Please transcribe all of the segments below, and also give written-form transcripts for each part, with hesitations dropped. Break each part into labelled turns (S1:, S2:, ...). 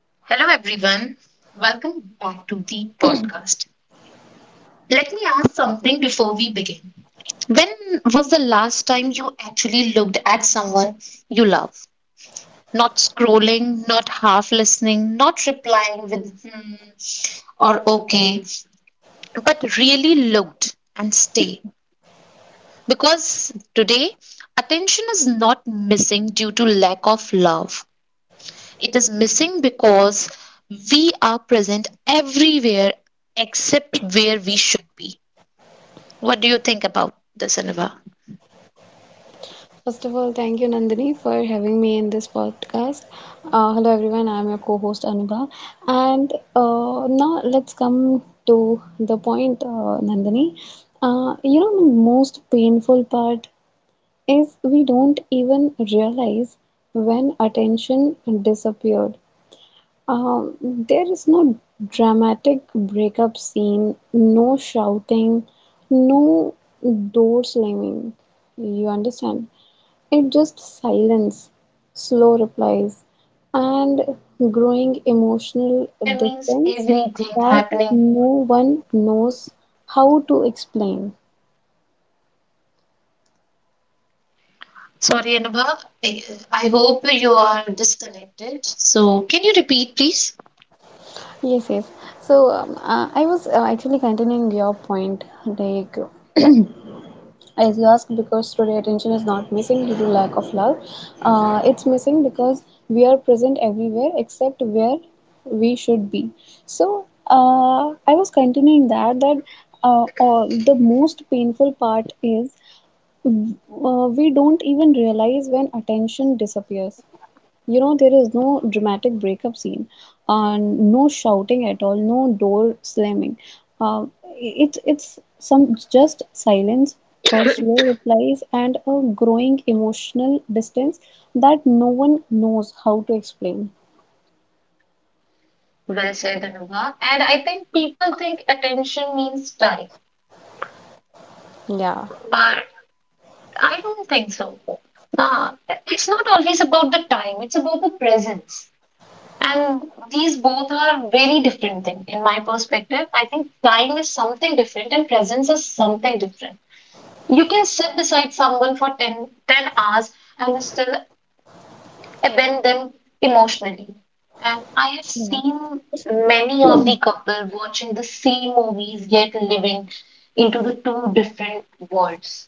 S1: Hello, everyone. Welcome back to the podcast. Let me ask something before we begin. When was the last time you actually looked at someone you love? Not scrolling, not half listening, not replying with hmm or okay, but really looked and stay. Because today, attention is not missing due to lack of love. It is missing because we are present everywhere except where we should be. What do you think about this, Anubha?
S2: First of all, thank you, Nandini, for having me in this podcast. Hello, everyone. I'm your co host, Anubha. And
S1: So I think
S2: Now let's
S1: she
S2: come
S1: must
S2: to the
S1: facing
S2: point,
S1: some
S2: Nandini.
S1: network issues.
S2: The
S1: So
S2: most
S1: let me
S2: painful part is
S1: continue
S2: we
S1: the
S2: don't
S1: part
S2: even
S1: that
S2: realize
S1: here
S2: when
S1: we are
S2: attention
S1: here to discuss
S2: disappeared.
S1: about the topic
S2: Um, there
S1: attention
S2: is no
S1: is
S2: dramatic
S1: in the
S2: breakup
S1: action.
S2: scene, no
S1: We
S2: shouting,
S1: always miss, we
S2: no
S1: always
S2: door slamming.
S1: miss to look
S2: You
S1: out the
S2: understand?
S1: person we
S2: It
S1: love a
S2: just
S1: lot.
S2: silence, slow
S1: We
S2: replies,
S1: our
S2: and
S1: attention is
S2: growing
S1: everywhere.
S2: emotional
S1: Everywhere means
S2: distance
S1: everything
S2: that
S1: happening.
S2: no one knows how to explain.
S1: Sorry, Anubha. I, I hope you are disconnected. So can you repeat, please?
S2: Yes, yes. I was actually continuing your point, like as you ask, because today attention is not missing due to lack of love. It's missing because we are present everywhere except where we should be. I was continuing that or the most painful part is we don't even realize when attention disappears. You know, there is no dramatic breakup scene and no shouting at all, no door slamming. uh, it's some just silence, slow replies, and a growing emotional distance that no one knows how to explain.
S1: Well said, Anubha. And I think people think attention means time,
S2: Yeah,
S1: but I don't think so. Nah, it's not always about the time, it's about the presence. And these both are very different things, in my perspective. I think time is something different and presence is something different. You can sit beside someone for ten hours and still abandoned emotionally. And I have
S2: yeah.
S1: seen many of the couple watching the same movies yet living into the two different worlds.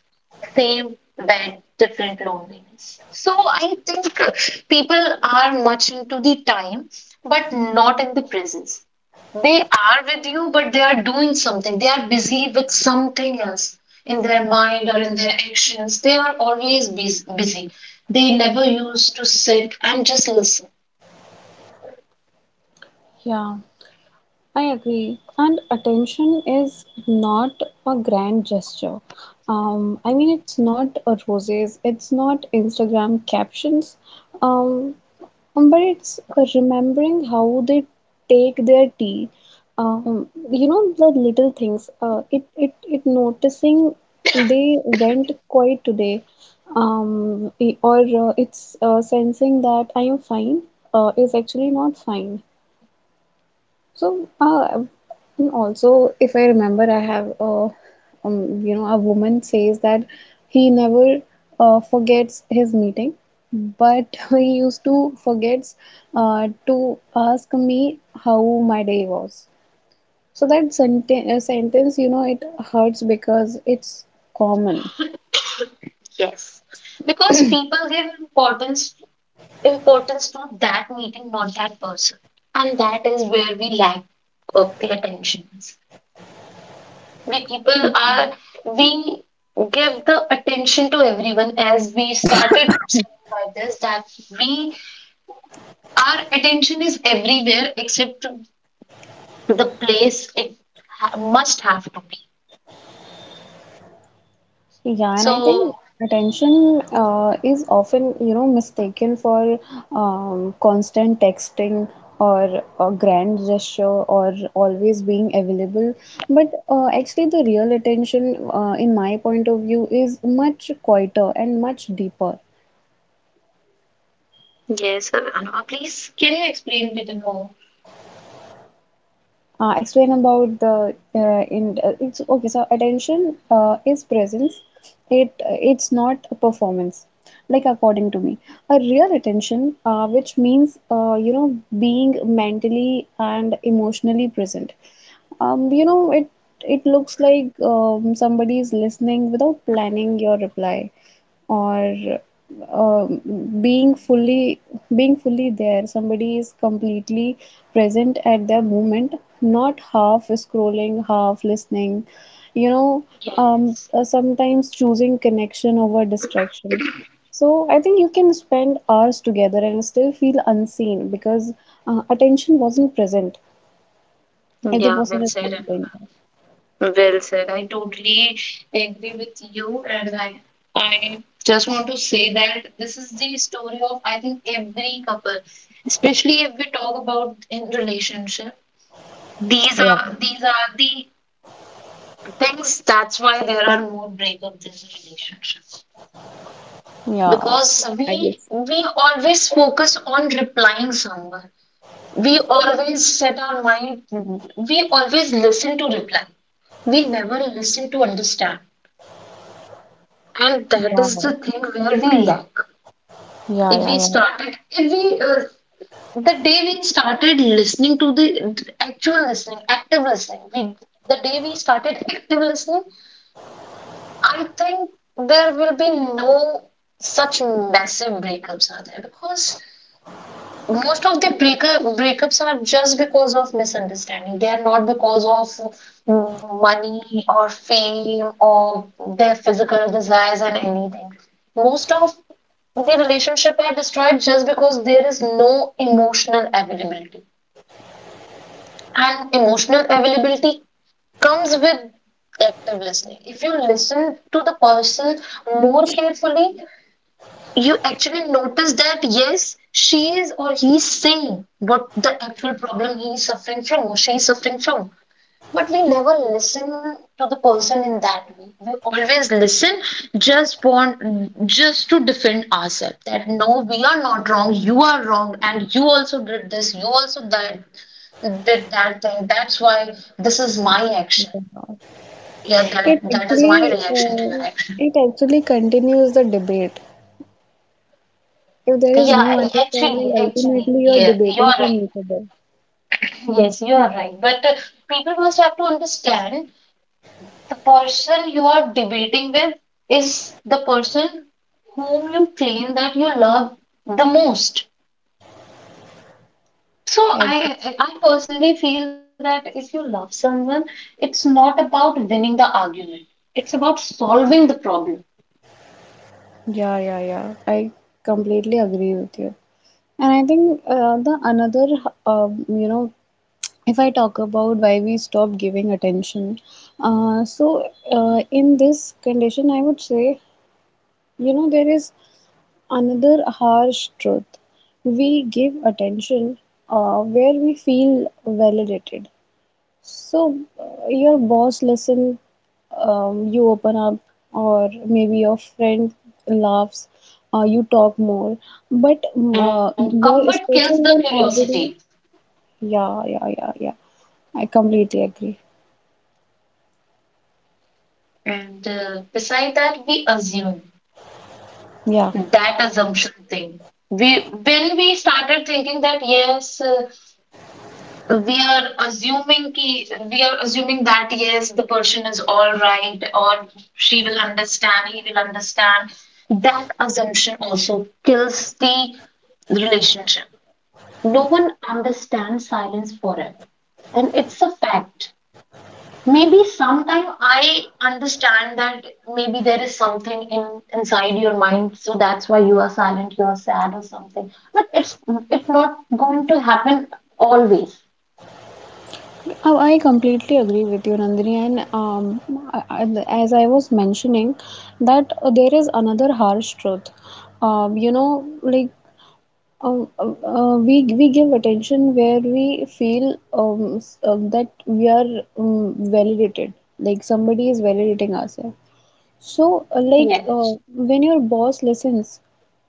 S1: Same bed, different loneliness. So I think people are much into the time, but not in the presence. They are with you, but they are doing something. They are busy with something else in their mind or in their actions. They are always busy. They never used to sit and just listen.
S2: Yeah, I agree. And attention is not a grand gesture. I mean, it's not a roses, it's not Instagram captions. Um, but it's remembering how they take their tea. You know, the little things. It it it noticing they went quiet today. I- or It's sensing that I am fine is actually not fine. So, uh, and also, if I remember, I have a, a woman says that he never forgets his meeting, but he used to forgets to ask me how my day was. So that sentence, you know, it hurts because it's common.
S1: Yes, because people give importance to that meeting, not that person, and that is where we lack of the attention. We people are we give the attention to everyone, as we started saying by this, that we Our attention is everywhere except to the place it must have to be.
S2: Yeah, and
S1: So,
S2: I think attention is often, you know, mistaken for constant texting or a grand gesture or always being available. But actually, the real attention, in my point of view, is much quieter and much deeper.
S1: Yes, Anupama, please, can you explain it more?
S2: Explain about the in It's okay, so attention is presence, it's not a performance. Like, according to me, a real attention which means being mentally and emotionally present. It it looks like somebody is listening without planning your reply, or um, being fully being fully there, somebody is completely present at their moment, not half scrolling half listening, you know.
S1: Yes.
S2: Sometimes choosing connection over distraction. So I think you can spend hours together and still feel unseen because attention wasn't present if the
S1: Yeah,
S2: person
S1: well
S2: is
S1: said,
S2: not
S1: Anupama.
S2: doing that.
S1: Well said. I totally agree with you, and I just want to say that this is the story of, I think, every couple, especially if we talk about in relationship. These
S2: Yeah.
S1: are these are the things. That's why there are more breakups in relationship.
S2: Yeah,
S1: Because
S2: I
S1: we
S2: guess.
S1: we always focus on replying someone. We always set our mind. We always listen to reply. We never listen to understand, and that is the
S2: Wow.
S1: thing where we lack.
S2: Yeah,
S1: If we
S2: yeah, yeah.
S1: started if we The day we started listening to the actual listening, active listening, the day we started active listening, I think there will be no such massive breakups are there, because most of the breakups are just because of misunderstanding. They are not because of money or fame or their physical desires and anything. Most of the relationship are destroyed just because there is no emotional availability, and emotional availability comes with active listening. If you listen to the person more carefully, you actually notice that, yes, she is or he is saying what the actual problem he is suffering from or she is suffering from. But we never listen to the person in that way. We always listen, just want just to defend ourselves that, no, we are not wrong, you are wrong, and you also did this, you also that, did that thing. That's why this is my action, yeah, that
S2: it
S1: that is my
S2: actually
S1: reaction to your
S2: uh,
S1: action.
S2: it actually continues the debate. If there is no
S1: Yeah, actually
S2: understanding,
S1: actually
S2: ultimately you're
S1: yeah, you
S2: debating
S1: are
S2: from
S1: right.
S2: each other.
S1: Yes, you are right. But people must have to understand, the person you are debating with is the person whom you claim that you love the most. So
S2: Exactly.
S1: I personally feel that if you love someone, it's not about winning the argument. It's about solving the problem.
S2: Yeah, yeah, yeah. I completely agree
S1: And
S2: with you.
S1: people literally
S2: And I
S1: don't
S2: think
S1: understand that
S2: the
S1: things.
S2: another, uh, you know,
S1: And
S2: if I talk
S1: I don't
S2: about why
S1: know
S2: we stop
S1: why
S2: giving
S1: such
S2: attention,
S1: thing
S2: uh,
S1: happen,
S2: so
S1: why people don't
S2: in
S1: want to
S2: this
S1: just
S2: condition, I would
S1: listen
S2: say,
S1: more carefully
S2: you
S1: and
S2: know, there
S1: always
S2: is
S1: want to
S2: another harsh truth.
S1: answer,
S2: We give attention
S1: just
S2: where
S1: want to
S2: we
S1: be
S2: feel
S1: more honest,
S2: validated.
S1: that we stop
S2: So,
S1: giving attention
S2: your
S1: when we
S2: boss
S1: become
S2: listen,
S1: comfortable.
S2: you open
S1: I
S2: up,
S1: think that is
S2: or maybe your
S1: also
S2: friend laughs,
S1: a
S2: you
S1: part
S2: talk
S1: where we
S2: more.
S1: lack,
S2: But um,
S1: and
S2: uh,
S1: comfort
S2: your
S1: kills the
S2: special one
S1: curiosity.
S2: already, yeah, yeah, yeah, yeah. I completely agree.
S1: And beside that, we assume.
S2: Yeah,
S1: That assumption thing, we when we started thinking that, yes, we are assuming that, yes, the person is all right, or she will understand, he will understand, that assumption also kills the relationship. No one understands silence forever, and it's a fact. Maybe sometime I understand that maybe there is something in inside your mind, so that's why you are silent, you are sad or something, but it's not going to happen always.
S2: I completely agree with you, Nandini. And as I was mentioning, that there is another harsh truth. You know, like, we give attention where we feel that we are validated, like somebody is validating ourselves. So, uh, like
S1: Yes.
S2: uh, when your boss listens,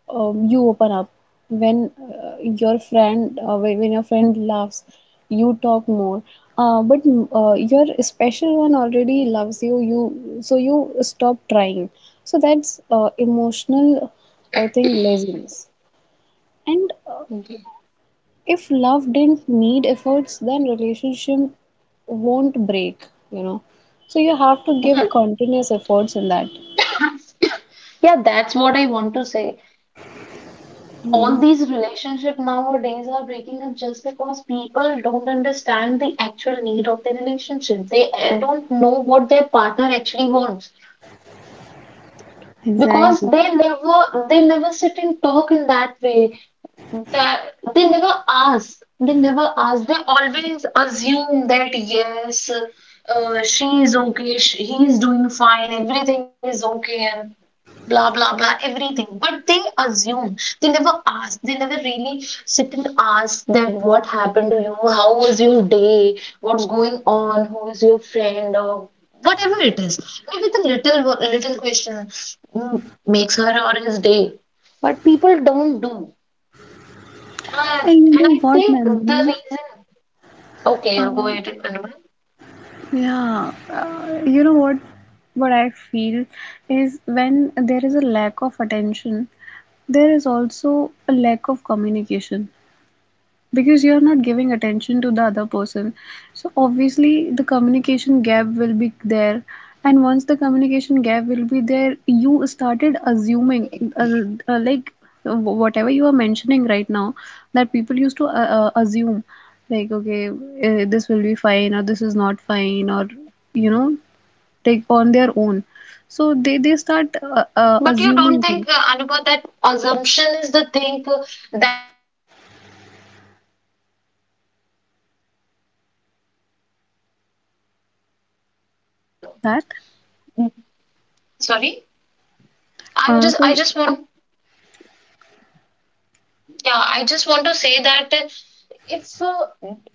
S2: you open up. When your friend laughs, you talk more. But your special one already loves you. So you stop trying. So that's emotional, I think, laziness. And
S1: Mhm.
S2: if love didn't need efforts, then relationship won't break, you know. So you have to give continuous efforts in that.
S1: Yeah, that's what I want to say. All these relationships nowadays are breaking up just because people don't understand the actual need of the relationship. They don't know what their partner actually wants, because
S2: Exactly.
S1: they never sit and talk in that way. That they never ask, they always assume that, yes, she is okay, he is doing fine, everything is okay, and blah blah blah everything, but they assume, they never ask, they never really sit and ask that, what happened to you, how was your day, what's going on, who is your friend, or whatever it is. Maybe the little little question makes her or his day. But people don't do uh,
S2: And you
S1: and
S2: know
S1: I
S2: what,
S1: think the
S2: Nandini?
S1: reason, okay, I'll go
S2: Um,
S1: ahead, Anubhav.
S2: yeah, you know what? What I feel is when there is a lack of attention, there is also a lack of communication, because you're not giving attention to the other person, so obviously the communication gap will be there. And once the communication gap will be there, you started assuming, uh, like whatever you are mentioning right now, that people used to assume, like okay, this will be fine or this is not fine, or you know, take on their own. So they they start
S1: But you don't
S2: assuming
S1: think,
S2: things
S1: Anubhav, that assumption is the thing that kills the communication between the two? Because we already assume. I, suppose we are talking, we're not talking a lot.
S2: that
S1: Sorry,
S2: uh, so,
S1: I just want, yeah, I just want to say that if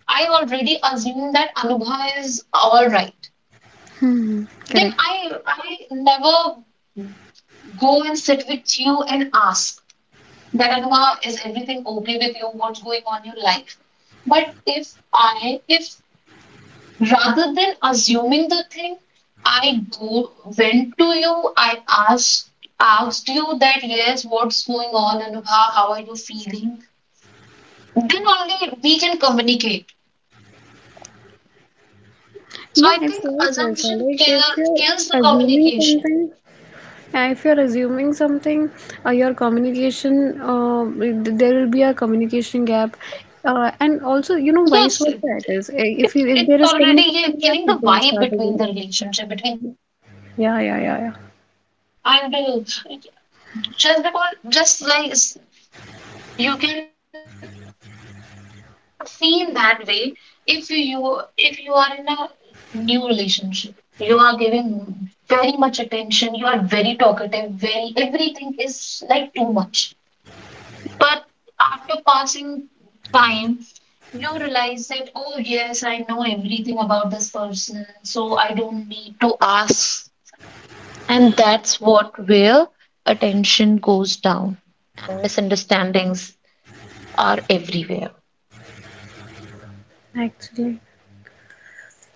S1: I already assume that Anubhav is all right,
S2: hmm,
S1: then
S2: correct.
S1: I never go and sit with you and ask that, Anuma, is everything okay with you? What's going on in your life? But if rather than assuming the thing, I went to you, I asked, asked you that, yes, what's going on, Anubha, how are you feeling? Then only we can communicate.
S2: Yeah,
S1: So I
S2: it's
S1: think
S2: vice versa.
S1: assumption
S2: Like
S1: kill,
S2: if you're
S1: kills the
S2: assuming
S1: communication.
S2: something, yeah, if you're assuming something, your communication, there will be a communication gap, and also, you know, vice
S1: Yes,
S2: versa it is. If
S1: it,
S2: you, if there
S1: it's
S2: is
S1: already, yeah,
S2: communication gap,
S1: killing the
S2: people will
S1: vibe
S2: start
S1: between the
S2: assuming.
S1: relationship, between the two
S2: Yeah, yeah,
S1: persons.
S2: yeah, yeah.
S1: And just because, just like you can feel that way, if you are in a new relationship, you are giving very much attention, you are very talkative, very, everything is like too much. But after passing time, you realize that, oh, yes, I know everything about this person, so I don't need to ask. And that's what, where attention goes down and misunderstandings are everywhere.
S2: Actually,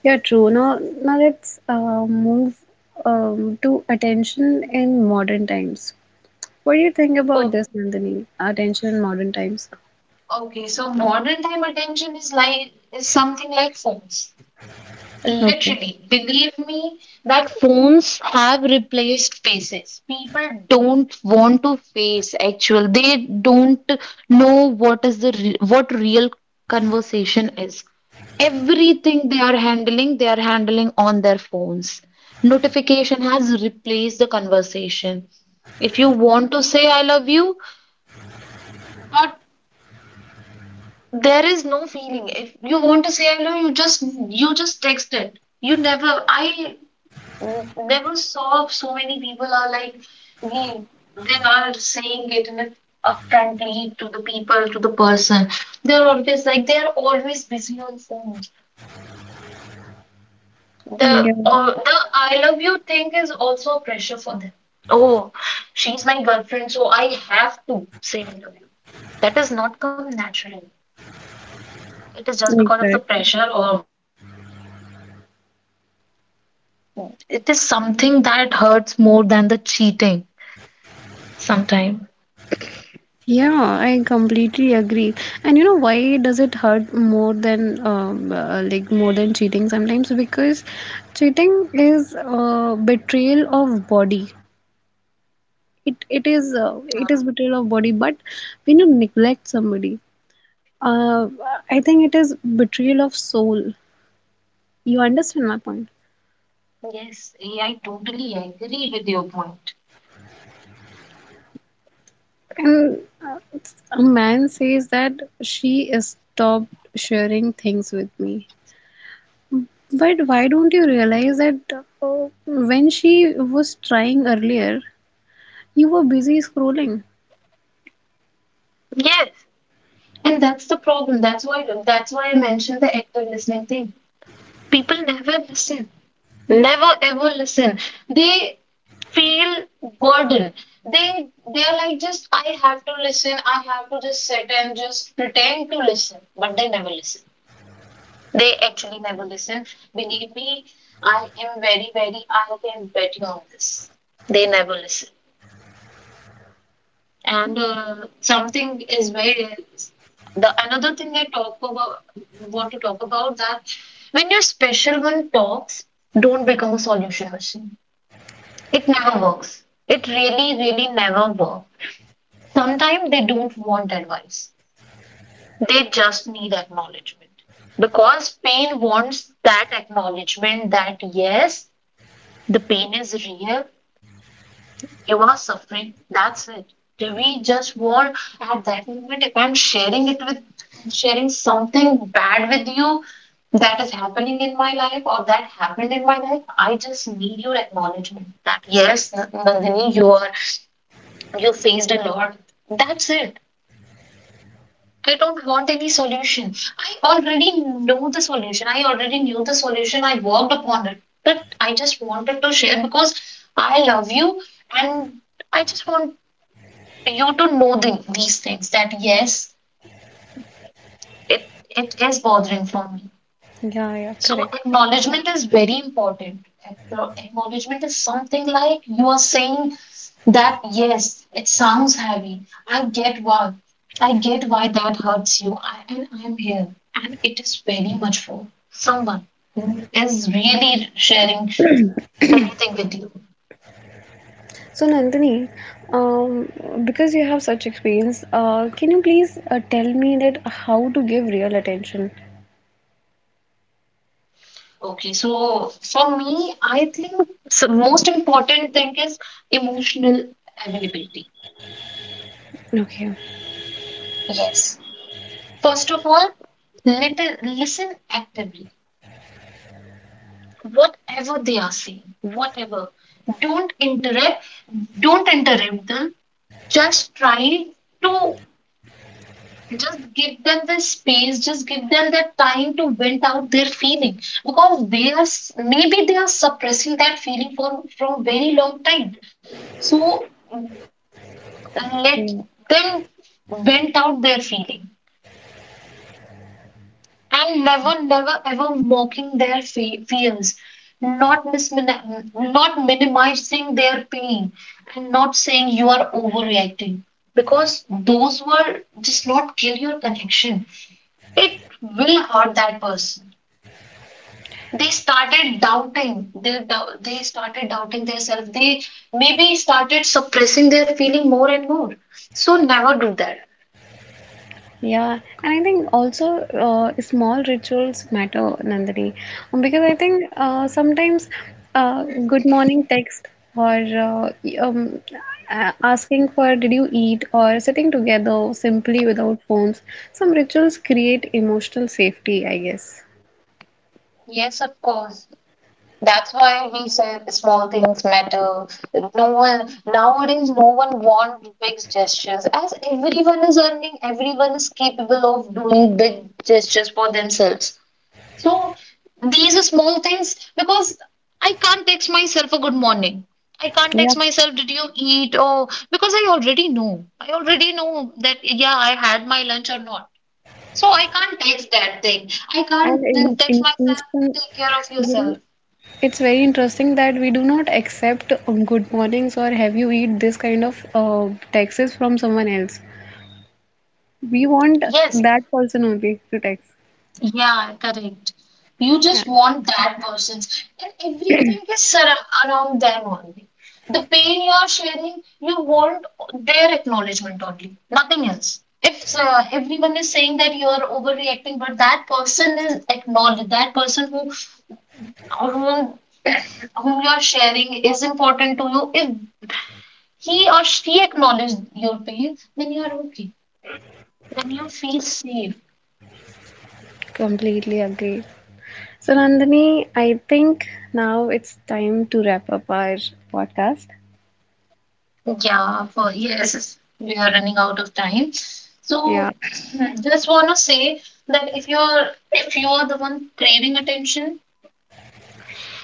S2: yeah, true. Now, now let's move to attention in modern times. What do you think about
S1: Oh,
S2: this, Nandini? Attention in modern times.
S1: okay, so modern time attention is something like phones.
S2: Okay.
S1: Literally, believe me that phones have replaced faces. People don't want to face actual. They don't know what is the re what real conversation is. Everything they are handling on their phones. Notification has replaced the conversation. If you want to say I love you, but there is no feeling. If you want to say I love you just text it. You never I never saw. So many people are like, we they are saying it in a upfrontly to the people, to the person. They are always busy on phones. The
S2: Yeah,
S1: the I love you thing is also a pressure for them. Oh, she's my girlfriend, so I have to say I love you. That does not come naturally. It is just because of the
S2: exactly.
S1: pressure or whatever. So, and it is something that hurts more than the cheating sometimes.
S2: Yeah, I completely agree. And you know why does it hurt more than like more than cheating sometimes? Because cheating is betrayal of body. It it is betrayal of body. But when you neglect somebody, uh, I think it is betrayal of soul. You understand my point?
S1: Yes, I totally agree with your point.
S2: And a man says that she stopped sharing things with me. But why don't you realize that when she was trying earlier, you were busy scrolling?
S1: Yes, and that's the problem. That's why I mentioned the active listening thing. People never listen. Never ever listen. They feel burden. They're like, just, I have to listen. I have to just sit and just pretend to listen, but they never listen. They actually never listen. Believe me, I am very, very, I can bet you on this. They never listen. And something is the another thing I want to talk about, that when your special one talks, don't become a solution machine. It never works. It really, really never works. Sometimes they don't want advice. They just need acknowledgement, because pain wants that acknowledgement that, yes, the pain is real. You are suffering. That's it. We just want, at that moment, if I'm sharing something bad with you that is happening in my life or that happened in my life, I just need your acknowledgement that, yes, Nandini, you faced a lot. That's it. I don't want any solution. I already know the solution. I already knew the solution. I worked upon it. But I just wanted to share because I love you, and I just want you to know these things, that, yes, it is bothering for me.
S2: Yeah, yeah,
S1: So
S2: correct.
S1: acknowledgement is very important. Acknowledgement is something like you are saying that, yes, it sounds heavy. I get why. I get why that hurts you. And I'm here. And it is very much for someone who is really sharing everything with you.
S2: So, Nandini, um, because you have such experience, can you please tell me that how to give real attention?
S1: Okay, so for me, I think the most important thing is emotional availability.
S2: Okay.
S1: Yes. First of all, let listen actively. Whatever they are saying, whatever. Don't interrupt don't interrupt them, just try to, just give them the space, just give them the time to vent out their feeling, because they are maybe they are suppressing that feeling for from very long time, so mm, let them vent out their feeling. And never ever mocking their fears, not not minimizing their pain, and not saying you are overreacting, because those were just not kill your connection, it will hurt that person. They started doubting themselves, they maybe started suppressing their feeling more and more, so never do that.
S2: Yeah, and I think also small rituals matter, Nandini. Because I think sometimes good morning text or asking for did you eat, or sitting together simply without phones, some rituals create emotional safety, I guess.
S1: Yes, of course. That's why we say small things matter. No one wants big gestures. As everyone is earning, everyone is capable of doing big gestures for themselves. So these are small things, because I can't text myself a good morning. I can't
S2: Yeah,
S1: text myself, did you eat? Or because I already know. I already know that, yeah, I had my lunch or not. So I can't text that thing. I
S2: and
S1: can't text
S2: in
S1: myself,
S2: instant,
S1: take care of
S2: you know,
S1: yourself.
S2: it's very interesting that we do not accept good mornings or have you eat this kind of texts from someone else. We want
S1: Yes.
S2: that person only to text.
S1: Yeah, correct. You
S2: Yeah.
S1: just want that person's, and everything is around them only. The pain you are sharing, you want their acknowledgement only, nothing else. If everyone is saying that you are overreacting, but that person is acknowledged, that person whom, whom you are sharing is important to you. If he or she acknowledges your pain, then you are okay. Then you feel safe.
S2: Completely agree. So, Nandini, I think now it's time to wrap up our podcast.
S1: Yeah, for yes, yes, we are running out of time.
S2: Yeah.
S1: So just want to say that if you're the one craving attention,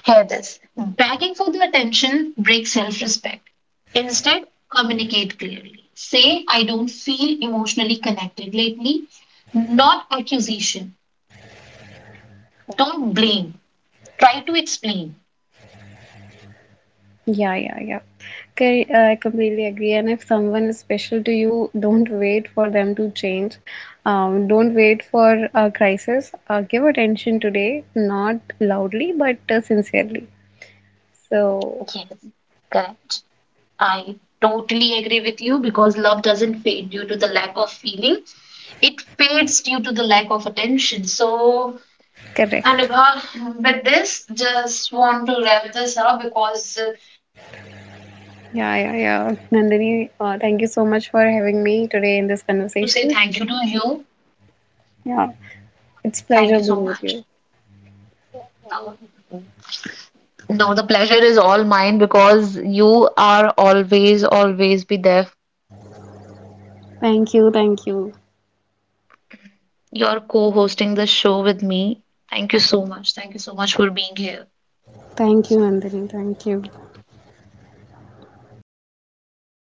S1: hear this. Begging for the attention breaks self-respect. Instead, communicate clearly. Say, I don't feel emotionally connected lately. Not accusation. Don't blame. Try to explain.
S2: Yeah, yeah, yeah. Okay, I completely agree. And if someone is special to you, don't wait for them to change. Don't wait for a crisis. Give attention today, not loudly, but sincerely. So,
S1: Yes, correct. I totally agree with you, because love doesn't fade due to the lack of feeling, it fades due to the lack of attention. So,
S2: correct.
S1: Anubha, with this, just want to wrap this up, because we actually,
S2: Yeah,
S1: we are
S2: yeah,
S1: very,
S2: yeah.
S1: actually very
S2: Nandini,
S1: late.
S2: thank you so much for
S1: So
S2: having
S1: now,
S2: me
S1: thank
S2: today
S1: you.
S2: in this
S1: Just want to say
S2: conversation.
S1: thank you to you.
S2: Yeah, it's
S1: Thank
S2: pleasure
S1: you so
S2: being with
S1: much.
S2: you.
S1: Now, No, the pleasure is all mine, because you are always, always be there for me, and I am very
S2: Thank you,
S1: thankful
S2: thank you.
S1: that you're co-hosting the show with me. Thank you so much. Thank you so much for being here.
S2: Thank you, Nandini. Thank you.